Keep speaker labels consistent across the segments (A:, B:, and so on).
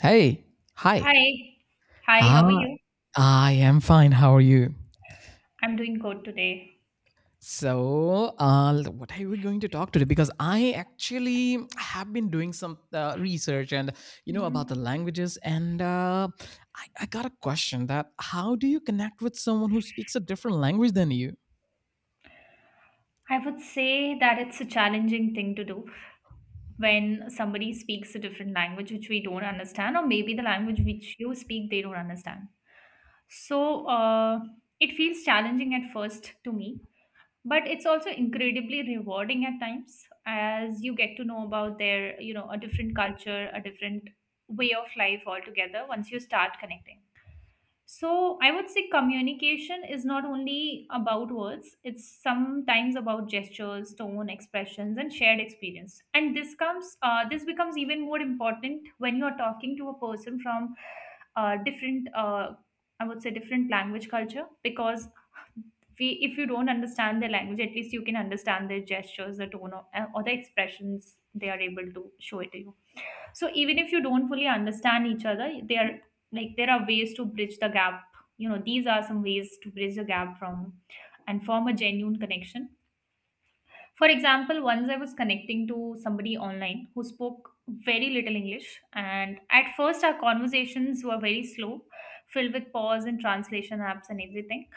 A: Hey, hi.
B: Hi. Hi, how are
A: Ah,
B: you?
A: I am fine. How are you?
B: I'm doing good today.
A: So, what are we going to talk today? Because I actually have been doing some research and you know about the
B: Mhm.
A: languages, and I got a question that how do you connect with someone who speaks a different language than you?
B: I would say that it's a challenging thing to do when somebody speaks a different language which we don't understand, or maybe the language which you speak they don't understand. So uh, it feels challenging at first to me, but it's also incredibly rewarding at times as you get to know about their, you know, a different culture, a different way of life altogether once you start connecting. So I would say communication is not only about words, it's sometimes about gestures, tone, expressions, and shared experience. And this comes this becomes even more important when you are talking to a person from different I would say different language culture because we, if you don't understand their language, at least you can understand their gestures, the tone, or the expressions they are able to show it to you. So even if you don't fully understand each other, there like there are ways to bridge the gap. You know, these are some ways to bridge the gap from and form a genuine connection. For example, once I was connecting to somebody online who spoke very little English, and at first our conversations were very slow, filled with pause and translation apps and everything,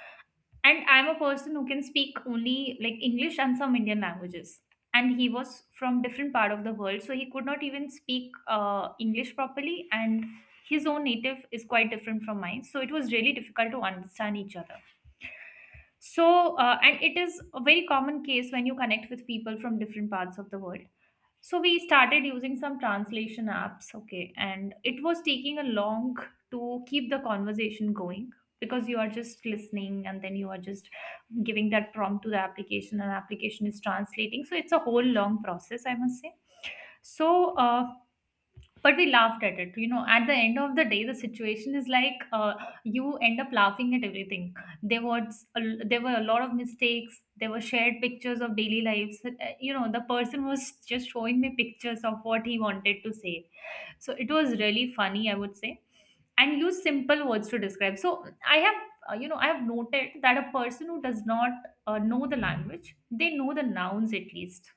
B: and I'm a person who can speak only like English and some Indian languages. And he was from different part of the world, so he could not even speak English properly. And his own native is quite different from mine, so it was really difficult to understand each other. And it is a very common case when you connect with people from different parts of the world. So we started using some translation apps, okay, and it was taking a long to keep the conversation going because you are just listening and then you are just giving that prompt to the application and application is translating. So it's a whole long process, I must say. So uh, but we laughed at it, you know, at the end of the day the situation is like you end up laughing at everything. there was a, there were a lot of mistakes, there were shared pictures of daily lives. You know, the person was just showing me pictures of what he wanted to say, so it was really funny, I would say, and use simple words to describe. You know, I have noted that a person who does not know the language, they know the nouns at least,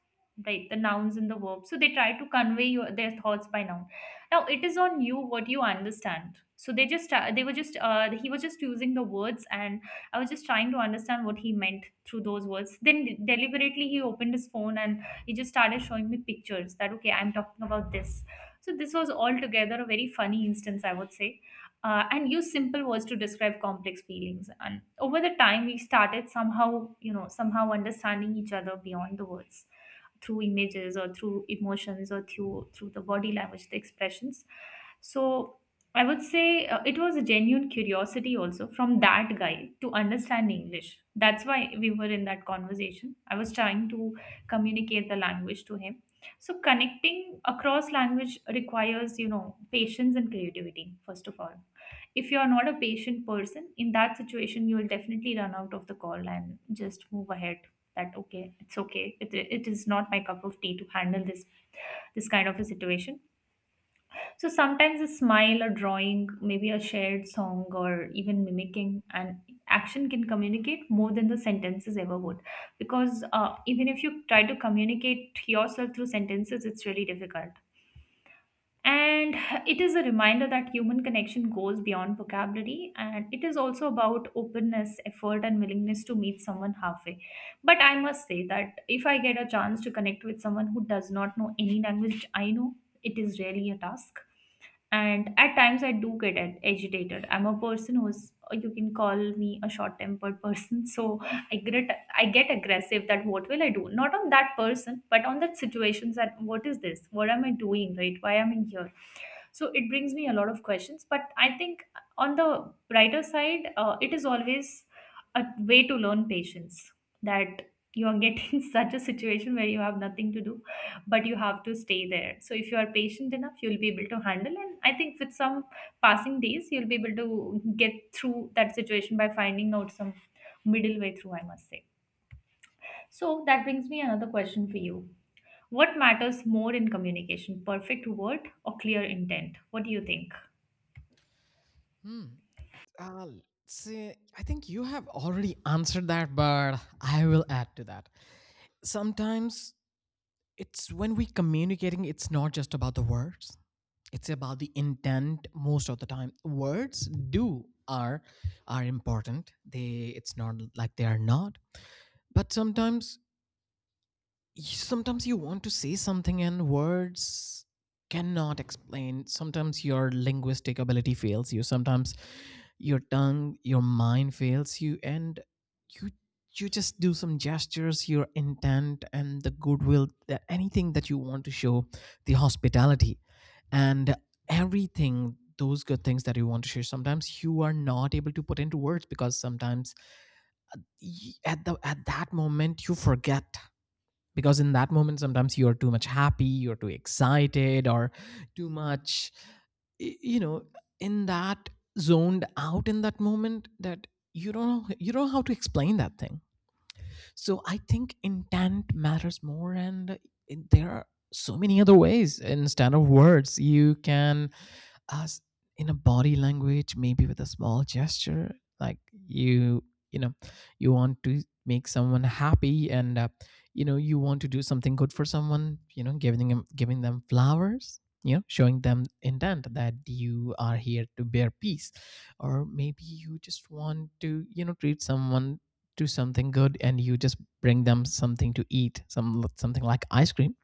B: right? The nouns and the verbs. So they try to convey your, their thoughts by noun. Now it is on you what you understand. So they just, he was just using the words and I was just trying to understand what he meant through those words. Then deliberately he opened his phone and he just started showing me pictures that okay, I'm talking about this. So this was altogether a very funny instance, I would say. And use simple words to describe complex feelings. And over the time, we started somehow, you know, somehow understanding each other beyond the words, through images or through emotions or through the body language, the expressions. So I would say it was a genuine curiosity also from that guy to understand English, that's why we were in that conversation. I was trying to communicate the language to him. So connecting across language requires, you know, patience and creativity. First of all, if you're not a patient person in that situation, you will definitely run out of the call and just move ahead that okay, it's okay, it is not my cup of tea to handle this, this kind of a situation. So sometimes a smile, a drawing, maybe a shared song, or even mimicking an action can communicate more than the sentences ever would, because even if you try to communicate yourself through sentences, it's really difficult. And it is a reminder that human connection goes beyond vocabulary, and it is also about openness, effort, and willingness to meet someone halfway. But I must say that if I get a chance to connect with someone who does not know any language which I know, it is really a task. And at times I do get agitated. I'm a person who's, you can call me a short-tempered person, so I get aggressive. That what will I do? Not on that person, but on that situations. That what is this? What am I doing? Right? Why am I here? So it brings me a lot of questions. But I think on the brighter side, it is always a way to learn patience, that you are getting such a situation where you have nothing to do, but you have to stay there. So if you are patient enough, you'll be able to handle. And I think with some passing days, you'll be able to get through that situation by finding out some middle way through, I must say. So that brings me another question for you. What matters more in communication, perfect word or clear intent? What do you think?
A: Hmm. Uh, see, I think you have already answered that, but I will add to that. Sometimes it's when we communicating, it's not just about the words, it's about the intent. Most of the time words do are important, they, it's not like they are not, but sometimes sometimes you want to say something and words cannot explain. Sometimes your linguistic ability fails you, sometimes your tongue, your mind fails you, and you, you just do some gestures, your intent and the goodwill, that anything that you want to show, the hospitality and everything, those good things that you want to share, sometimes you are not able to put into words because sometimes at the at that moment you forget, because in that moment sometimes you are too much happy, you're too excited, or too much, you know, in that, zoned out in that moment, that you don't know, you don't know how to explain that thing. So I think intent matters more. And there are so many other ways instead of words. You can us in a body language, maybe with a small gesture, like you you know, you want to make someone happy and you know, you want to do something good for someone, you know, giving them, giving them flowers, you know, showing them intent that you are here to bear peace, or maybe you just want to, you know, treat someone to something good and you just bring them something to eat, some something like ice cream.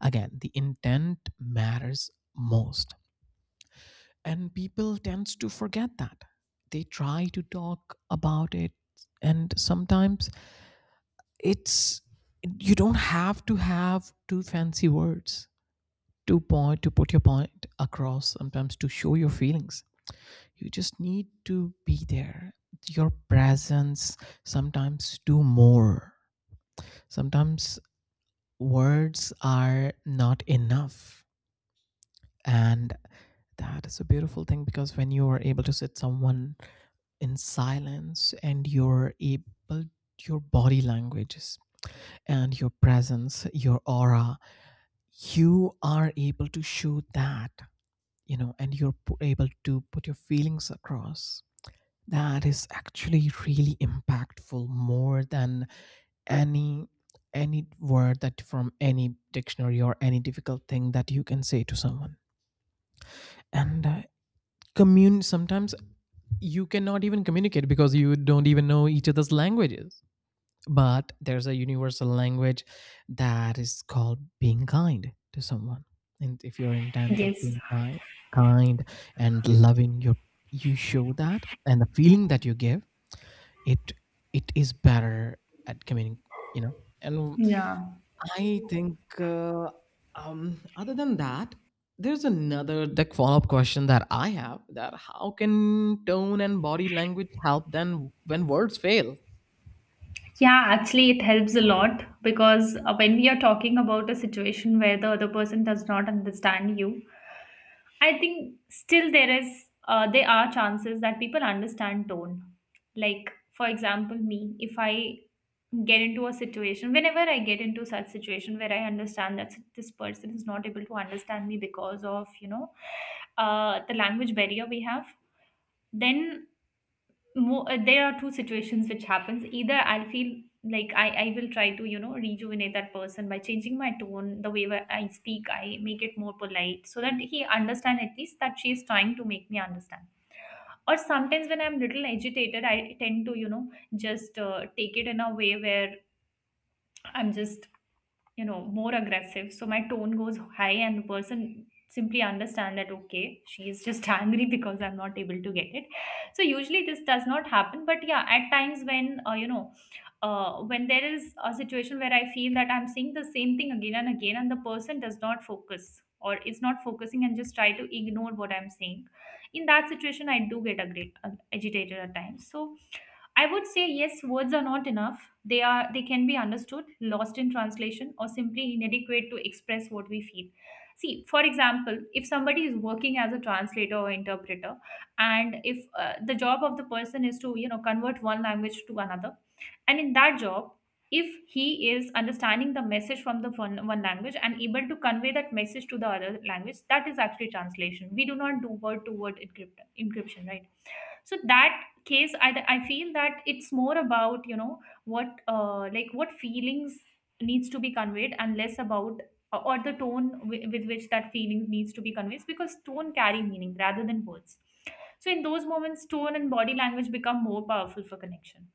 A: Again, the intent matters most, and people tends to forget that. They try to talk about it, and sometimes it's, you don't have to have two fancy words to point, to put your point across. Sometimes to show your feelings you just need to be there. Your presence sometimes do more. Sometimes words are not enough, and that is a beautiful thing, because when you are able to sit someone in silence and you're able, your body languages and your presence, your aura, you are able to show that, you know, and you're able to put your feelings across. That is actually really impactful, more than any any word that from any dictionary or any difficult thing that you can say to someone. And uh, commun sometimes you cannot even communicate because you don't even know each other's languages. But there's a universal language that is called being kind to someone. And if you're intent of
B: Yes.
A: being kind, kind and loving, your, you show that, and the feeling that you give, it it is better at communicating. You know, and
B: Yeah.
A: I think, other than that, there's another like follow-up question that I have: that how can tone and body language help then when words fail?
B: Yeah, actually, it helps a lot because when we are talking about a situation where the other person does not understand you, I think still there is, there are chances that people understand tone. Like, for example, me, if I get into a situation, whenever I get into such situation where I understand that this person is not able to understand me because of, you know, the language barrier we have, then there are two situations which happens. Either I'll feel like I will try to, you know, rejuvenate that person by changing my tone, the way where I speak I make it more polite, so that he understand at least that she is trying to make me understand. Or sometimes when I'm little agitated, I tend to, you know, just take it in a way where I'm just, you know, more aggressive, so my tone goes high and the person simply understand that okay, she is just angry because I'm not able to get it. So usually this does not happen, but yeah, at times when when there is a situation where I feel that I'm seeing the same thing again and again and the person does not focus or is not focusing and just try to ignore what I'm saying, in that situation I do get agitated at times. So I would say yes, words are not enough. They can be understood, lost in translation, or simply inadequate to express what we feel. See, for example, if somebody is working as a translator or interpreter, and if the job of the person is to, you know, convert one language to another, and in that job, if he is understanding the message from the one language and able to convey that message to the other language, that is actually translation. We do not do word to word encryption, right? So that case, I feel that it's more about, you know, what like what feelings needs to be conveyed, and less about or the tone with which that feeling needs to be conveyed, because tone carry meaning rather than words. So in those moments, tone and body language become more powerful for connection.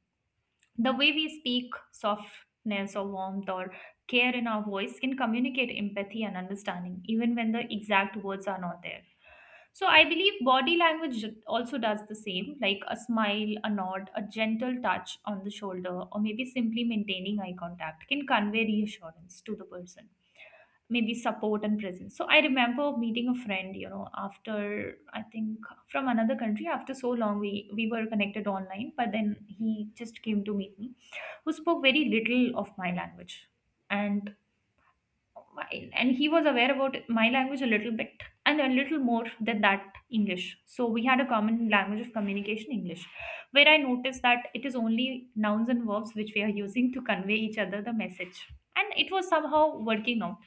B: The way we speak, softness or warmth or care in our voice can communicate empathy and understanding, even when the exact words are not there. So I believe body language also does the same, like a smile, a nod, a gentle touch on the shoulder, or maybe simply maintaining eye contact can convey reassurance to the person. Maybe support and presence. So I remember meeting a friend, you know, after I think from another country. After so long, we were connected online, but then he just came to meet me who spoke very little of my language. And and he was aware about my language a little bit and a little more than that English. So we had a common language of communication, English, where I noticed that it is only nouns and verbs which we are using to convey each other the message, and it was somehow working out.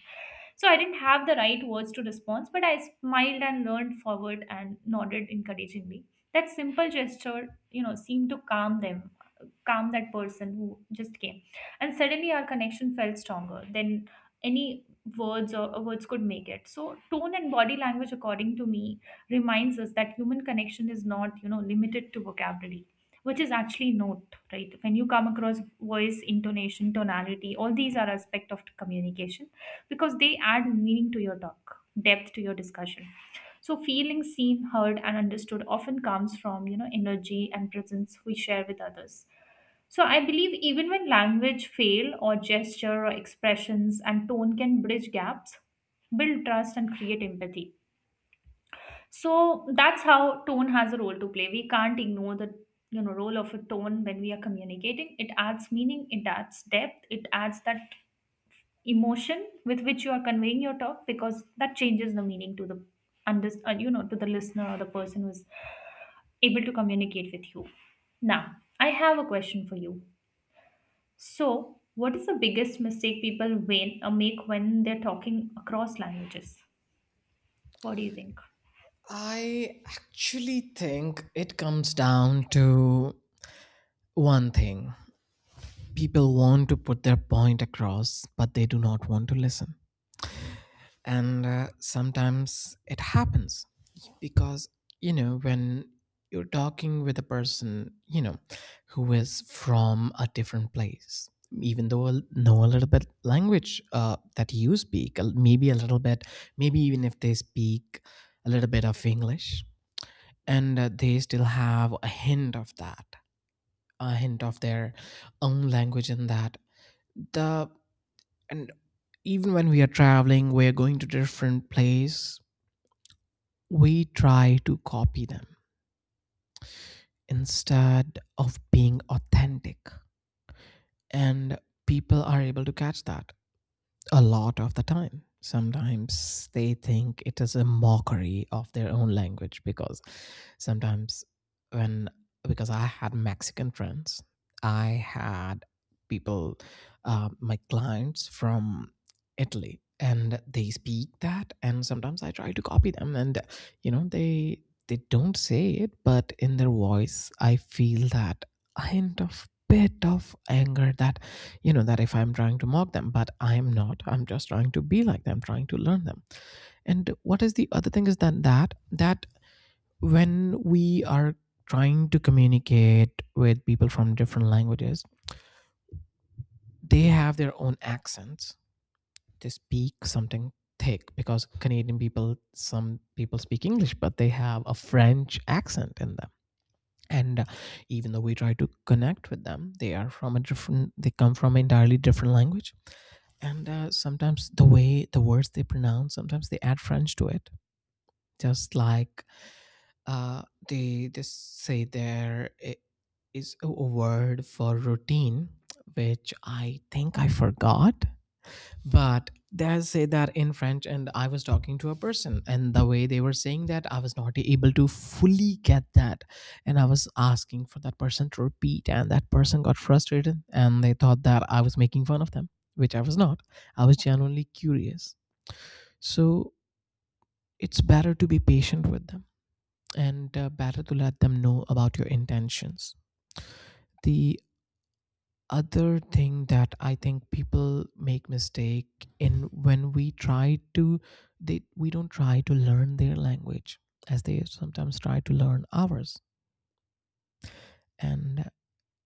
B: So I didn't have the right words to respond, but I smiled and leaned forward and nodded encouragingly. That simple gesture, seemed to calm them, calm that person who just came, and suddenly our connection felt stronger than any words could make it. So tone and body language, according to me, reminds us that human connection is not limited to vocabulary, which is actually note right. When you come across voice, intonation, tonality, all these are aspect of communication, because they add meaning to your talk, depth to your discussion. So feeling seen, heard and understood often comes from energy and presence we share with others. So I believe even when language fail, or gesture or expressions and tone can bridge gaps, build trust and create empathy. So that's how tone has a role to play. We can't ignore the role of a tone when we are communicating. It adds meaning, it adds depth, it adds that emotion with which you are conveying your talk, because that changes the meaning to the under, you know to the listener or the person who's able to communicate with you. Now, I have a question for you. So, what is the biggest mistake people when, make when they're talking across languages? What do you think?
A: I actually think it comes down to one thing: people want to put their point across but they do not want to listen. And sometimes it happens because, you know, when you're talking with a person, you know, who is from a different place, even though I know a little bit language that you speak, maybe a little bit, maybe even if they speak a little bit of English, and they still have a hint of that, a hint of their own language in that, the, and even when we are traveling, we are going to different place, we try to copy them instead of being authentic. And people are able to catch that, a lot of the time. Sometimes they think it is a mockery of their own language, because sometimes, when, because I had Mexican friends, I had people, my clients from Italy, and they speak that, and sometimes I try to copy them, and you know they don't say it, but in their voice I feel that hint of bit of anger, that, you know, that if I'm trying to mock them, but I'm not, I'm just trying to be like them, trying to learn them. And what is the other thing is that when we are trying to communicate with people from different languages, they have their own accents. They speak something thick, because Canadian people, some people speak English but they have a French accent in them, and even though we try to connect with them, they are from a different, they come from an entirely different language, and sometimes the way the words they pronounce, sometimes they add French to it, just like, uh, they just say, there is a word for routine which I think I forgot, but they say that in French, and I was talking to a person and the way they were saying that, I was not able to fully get that. And I was asking for that person to repeat, and that person got frustrated and they thought that I was making fun of them, which I was not. I was genuinely curious. So it's better to be patient with them, and better to let them know about your intentions. The other thing that I think people make mistake in, when we try to, they we don't try to learn their language as they sometimes try to learn ours, and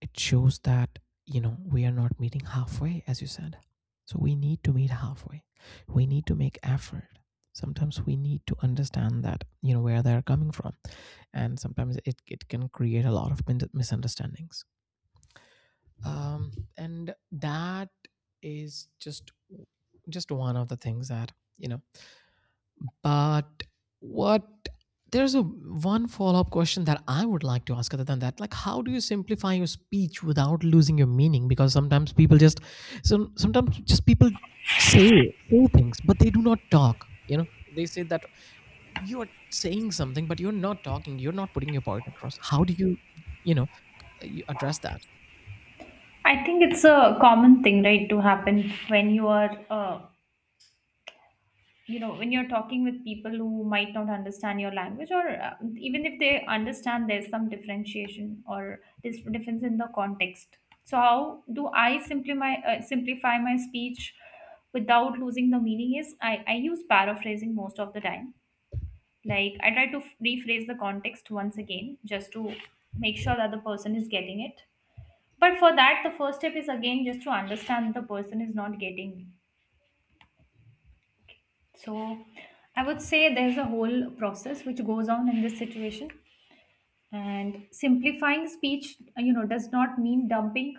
A: it shows that, you know, we are not meeting halfway, as you said. So we need to meet halfway, we need to make effort, sometimes we need to understand that, you know, where they're coming from. And sometimes it, it can create a lot of misunderstandings, um, and that is just one of the things that, you know, but, what, there's a one follow-up question that I would like to ask, other than that, like, how do you simplify your speech without losing your meaning? Because sometimes people just, so sometimes just people say things but they do not talk. You know, they say that you are saying something but you're not talking, you're not putting your point across. How do you, you know, you address that?
B: I think it's a common thing, right, to happen when you are, you know, when you're talking with people who might not understand your language, or even if they understand, there's some differentiation or this difference in the context. So, how do I simplify my speech without losing the meaning? Is I use paraphrasing most of the time, like I try to rephrase the context once again just to make sure that the person is getting it. But for that, the first step is again just to understand the person is not getting. So I would say there's a whole process which goes on in this situation, and simplifying speech, you know, does not mean dumping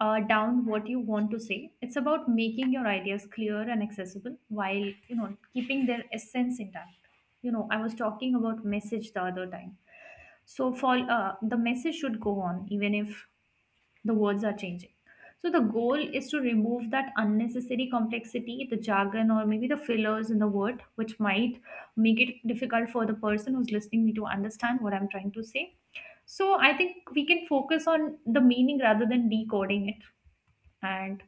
B: down what you want to say. It's about making your ideas clear and accessible while, you know, keeping their essence intact. You know, I was talking about message the other time. So for the message should go on even if the words are changing. So the goal is to remove that unnecessary complexity, the jargon, or maybe the fillers in the word, which might make it difficult for the person who's listening me to understand what I'm trying to say. So I think we can focus on the meaning rather than decoding it. And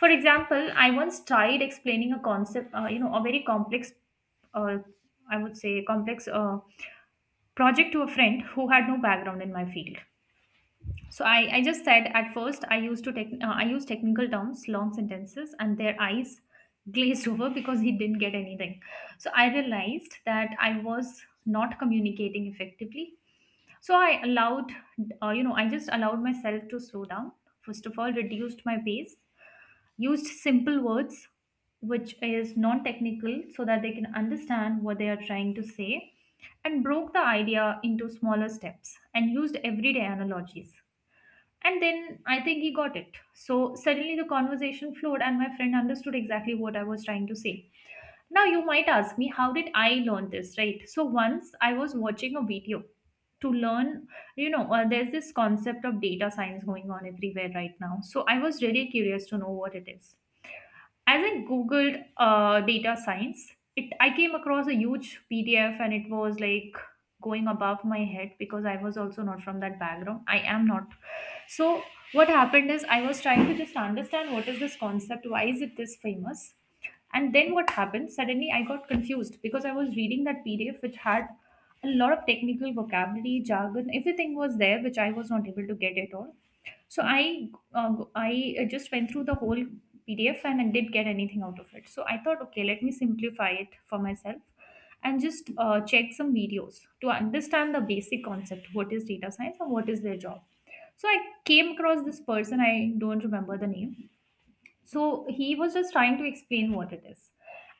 B: for example, I once tried explaining a concept, you know, a very complex, uh, I would say, complex project to a friend who had no background in my field. So I just said at first I used to I use technical terms, long sentences, and their eyes glazed over because he didn't get anything. So I realized that I was not communicating effectively. So I allowed, you know, I just allowed myself to slow down. First of all, reduced my pace, used simple words, which is non-technical, so that they can understand what they are trying to say, and broke the idea into smaller steps and used everyday analogies. And then I think he got it. So suddenly the conversation flowed, and my friend understood exactly what I was trying to say. Now, you might ask me, how did I learn this, right? So, once I was watching a video to learn, you know, there's this concept of data science going on everywhere right now. So, I was really curious to know what it is. As I googled data science, it I came across a huge PDF, and it was like going above my head because I was also not from that background. I am not. So what happened is I was trying to just understand what is this concept, why is it this famous, and then what happened? Suddenly I got confused because I was reading that PDF which had a lot of technical vocabulary, jargon, everything was there which I was not able to get at all. So I just went through the whole PDF and I did get anything out of it. So I thought, okay, let me simplify it for myself and just check some videos to understand the basic concept, what is data science and what is their job. So I came across this person, I don't remember the name. So he was just trying to explain what it is.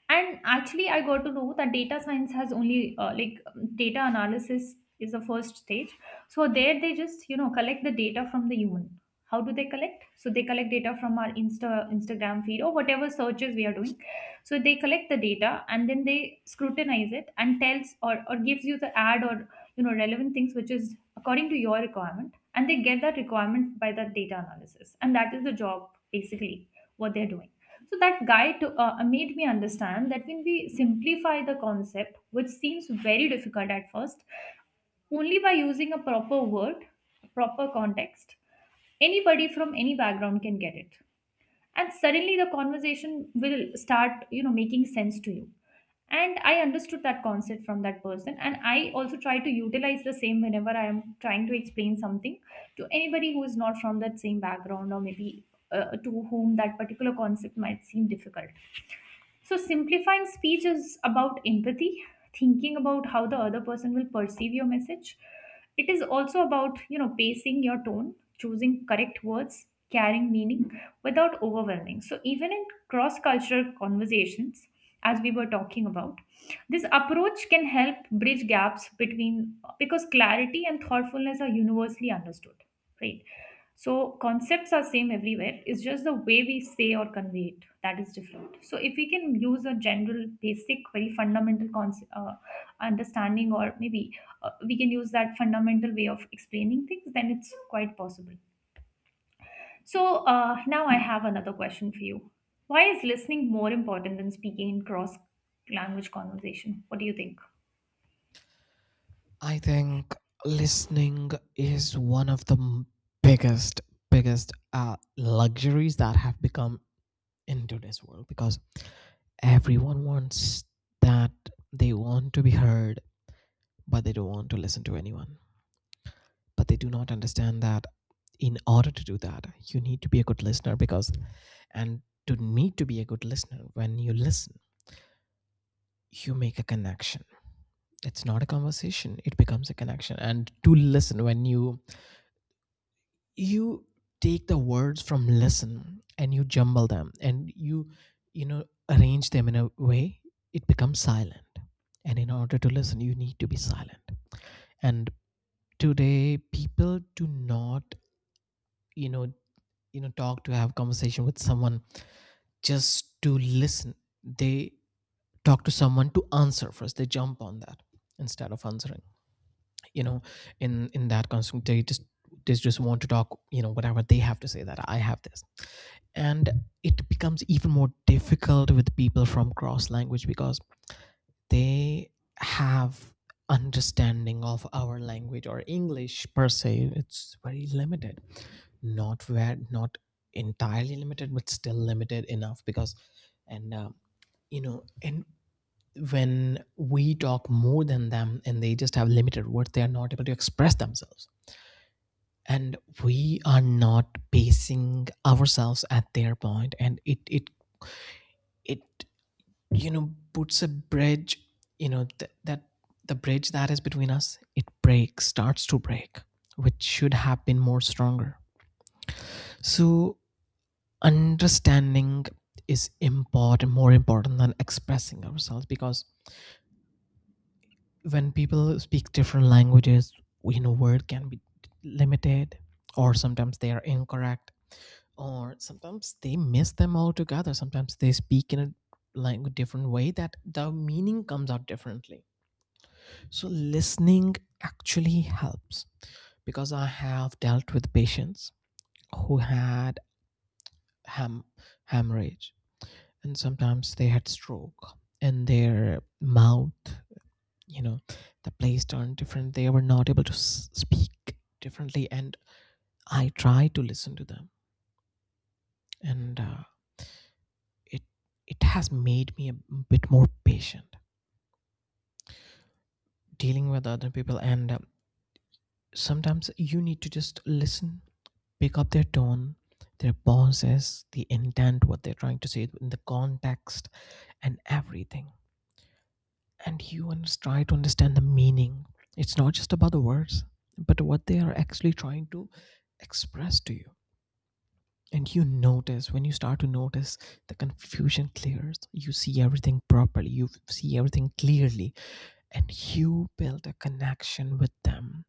B: And actually, I got to know that data science has only data analysis is the first stage. So there they just, you know, collect the data from the human. How do they collect? So they collect data from our Instagram feed or whatever searches we are doing, so they collect the data and then they scrutinize it and tells, or gives you the ad, or you know, relevant things which is according to your requirement, and they get that requirement by that data analysis, and that is the job basically what they're doing. So that guide to, made me understand that when we simplify the concept which seems very difficult at first, only by using a proper word, proper context, anybody from any background can get it, and suddenly the conversation will start, you know, making sense to you. And I understood that concept from that person, and I also try to utilize the same whenever I am trying to explain something to anybody who is not from that same background, or maybe to whom that particular concept might seem difficult. So, simplifying speech is about empathy, thinking about how the other person will perceive your message. It is also about, you know, pacing your tone, choosing correct words, carrying meaning without overwhelming. So, even in cross cultural conversations, as we were talking about, this approach can help bridge gaps between, because clarity and thoughtfulness are universally understood, right? So concepts are same everywhere. It's just the way we say or convey it that is different. So if we can use a general, basic, very fundamental concept, understanding, or maybe we can use that fundamental way of explaining things, then it's quite possible. So now I have another question for you. Why is listening more important than speaking in cross language conversation? What do you think?
A: I think listening is one of the biggest, biggest luxuries that have become in today's world, because everyone wants that, they want to be heard, but they don't want to listen to anyone. But they do not understand that in order to do that, you need to be a good listener, because, and to need to be a good listener, when you listen, you make a connection. It's not a conversation, it becomes a connection. And to listen, when you take the words from listen and you jumble them and you know, arrange them in a way, it becomes silent. And in order to listen you need to be silent. And today people do not, you know, you know, talk to have conversation with someone just to listen. They talk to someone to answer first, they jump on that instead of answering, you know, in that constant, they just, they just want to talk, you know, whatever they have to say, that I have this. And it becomes even more difficult with people from cross language, because they have understanding of our language or English per se, it's very limited, not where, not entirely limited, but still limited enough because, and you know, and when we talk more than them and they just have limited words, they are not able to express themselves, and we are not basing ourselves at their point, and it you know, puts a bridge, you know, that the bridge that is between us, it breaks, starts to break, which should have been more stronger. So understanding is important, more important than expressing ourselves, because when people speak different languages, you know, word can be limited, or sometimes they are incorrect, or sometimes they miss them altogether, sometimes they speak in a language different way that the meaning comes out differently. So, listening actually helps, because I have dealt with patients who had ham- hemorrhage, and sometimes they had stroke, and their mouth, you know, the place turned different. They were not able to speak differently. And I tried to listen to them, and it, it has made me a bit more patient dealing with other people. And sometimes you need to just listen, pick up their tone, their pauses, the intent, what they're trying to say in the context, and everything. And you try to understand the meaning. It's not just about the words, but what they are actually trying to express to you. And you notice, when you start to notice, the confusion clears, you see everything properly, you see everything clearly, and you build a connection with them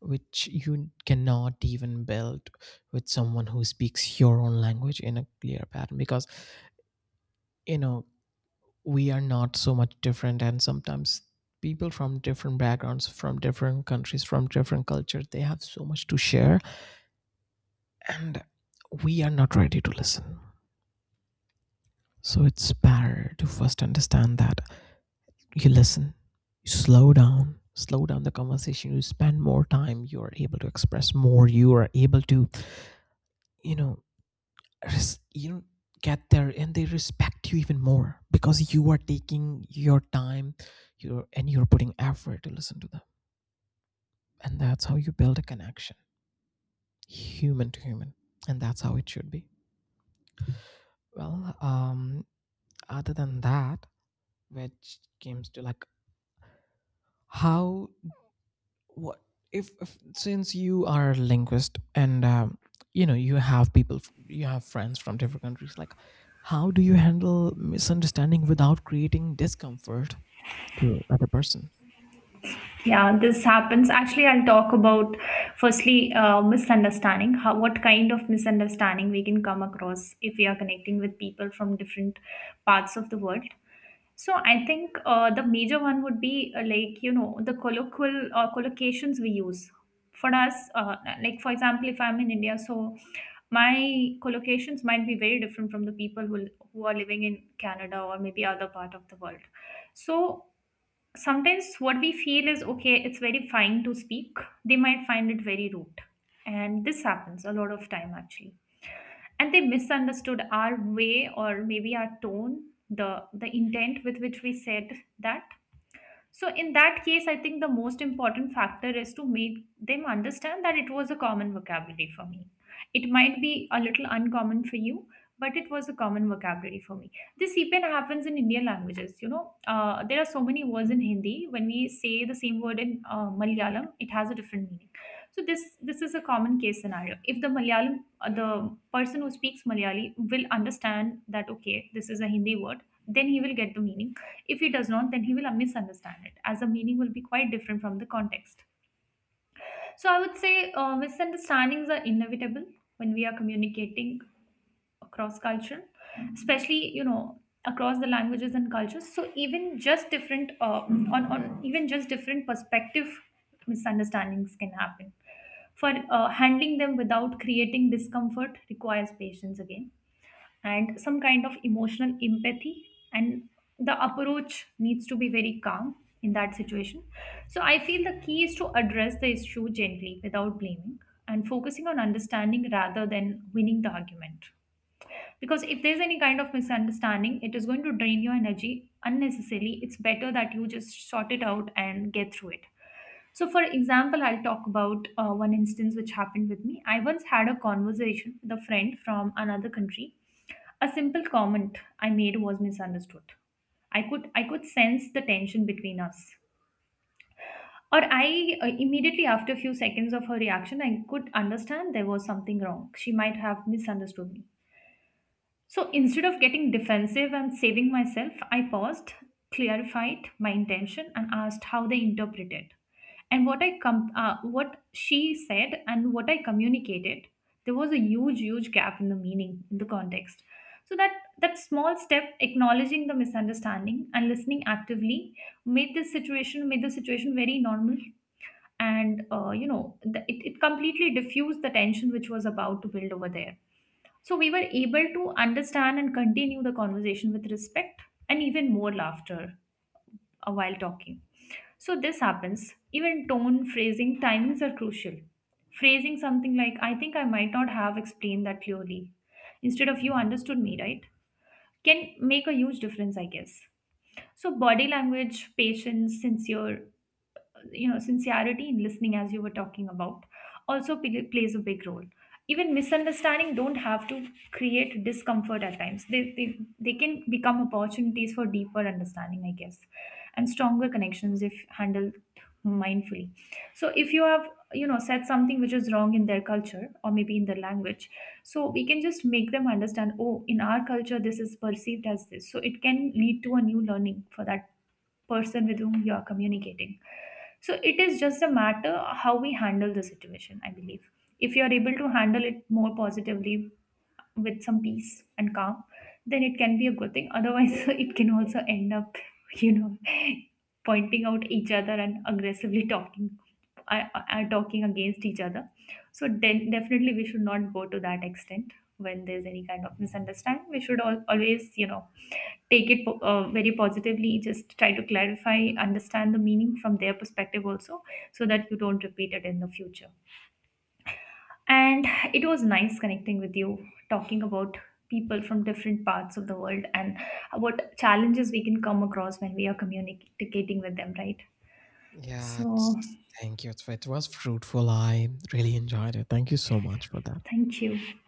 A: which you cannot even build with someone who speaks your own language in a clear pattern, because, you know, we are not so much different, and sometimes people from different backgrounds, from different countries, from different cultures, they have so much to share, and we are not ready to listen. So it's better to first understand that you listen, you slow down, slow down the conversation, you spend more time, you're able to express more, you are able to, you know, you know, get there, and they respect you even more because you are taking your time, you're, and you're putting effort to listen to them. And that's how you build a connection, human to human, and that's how it should be. Well, um, other than that, which comes to like, how, what, if since you are a linguist and you know, you have people you have friends from different countries, like how do you handle misunderstanding without creating discomfort to other person?
B: Yeah, this happens. Actually, I'll talk about firstly misunderstanding. How what kind of misunderstanding we can come across if we are connecting with people from different parts of the world. So I think the major one would be like, you know, the colloquial or collocations we use. For us, like for example, if I'm in India, so my collocations might be very different from the people who are living in Canada or maybe other part of the world. So sometimes what we feel is okay, it's very fine to speak, they might find it very rude, and this happens a lot of time actually, and they misunderstood our way or maybe our tone, the intent with which we said that. So, in that case, I think the most important factor is to make them understand that it was a common vocabulary for me. It might be a little uncommon for you, but it was a common vocabulary for me. This even happens in Indian languages. You know, there are so many words in Hindi. When we say the same word in Malayalam, it has a different meaning. So this is a common case scenario. If the Malayalam, the person who speaks Malayali will understand that okay, this is a Hindi word, then he will get the meaning. If he does not, then he will misunderstand it, as the meaning will be quite different from the context. So I would say misunderstandings are inevitable when we are communicating across culture, especially, you know, across the languages and cultures. So even just different on even just different perspective misunderstandings can happen. For handling them without creating discomfort requires patience again, and some kind of emotional empathy, and the approach needs to be very calm in that situation. So I feel the key is to address the issue gently without blaming, and focusing on understanding rather than winning the argument, because if there's any kind of misunderstanding, it is going to drain your energy unnecessarily. It's better that you just sort it out and get through it. So, for example, I'll talk about one instance which happened with me. I once had a conversation with a friend from another country. A simple comment I made was misunderstood. I could sense the tension between us. Or I immediately after a few seconds of her reaction, I could understand there was something wrong. She might have misunderstood me. So instead of getting defensive and saving myself, I paused, clarified my intention, and asked how they interpreted. And what I what she said and what I communicated, there was a huge, huge gap in the meaning, in the context. So that small step, acknowledging the misunderstanding and listening actively, made the situation very normal, and you know, it it completely diffused the tension which was about to build over there. So we were able to understand and continue the conversation with respect and even more laughter while talking. So this happens. Even tone, phrasing, timings are crucial. Phrasing something like, I think I might not have explained that clearly, instead of, you understood me, right? Can make a huge difference, I guess. So body language, patience, sincere, you know, sincerity in listening, as you were talking about, also plays a big role. Even misunderstanding don't have to create discomfort, at times they can become opportunities for deeper understanding, I guess, and stronger connections if handled mindfully. So if you have, you know, said something which is wrong in their culture or maybe in their language, so we can just make them understand, oh, in our culture this is perceived as this, so it can lead to a new learning for that person with whom you are communicating. So it is just a matter how we handle the situation, I believe. If you are able to handle it more positively, with some peace and calm, then it can be a good thing. Otherwise it can also end up, you know, pointing out each other, and aggressively talking, are talking against each other. So definitely we should not go to that extent when there's any kind of misunderstanding. We should always, you know, take it very positively, just try to clarify, understand the meaning from their perspective also, so that you don't repeat it in the future. And it was nice connecting with you, talking about people from different parts of the world, and what challenges we can come across when we are communicating with them, right?
A: Yeah,
B: So
A: it's, thank you. It's- it was fruitful, I really enjoyed it. Thank you so much for that.
B: thank you.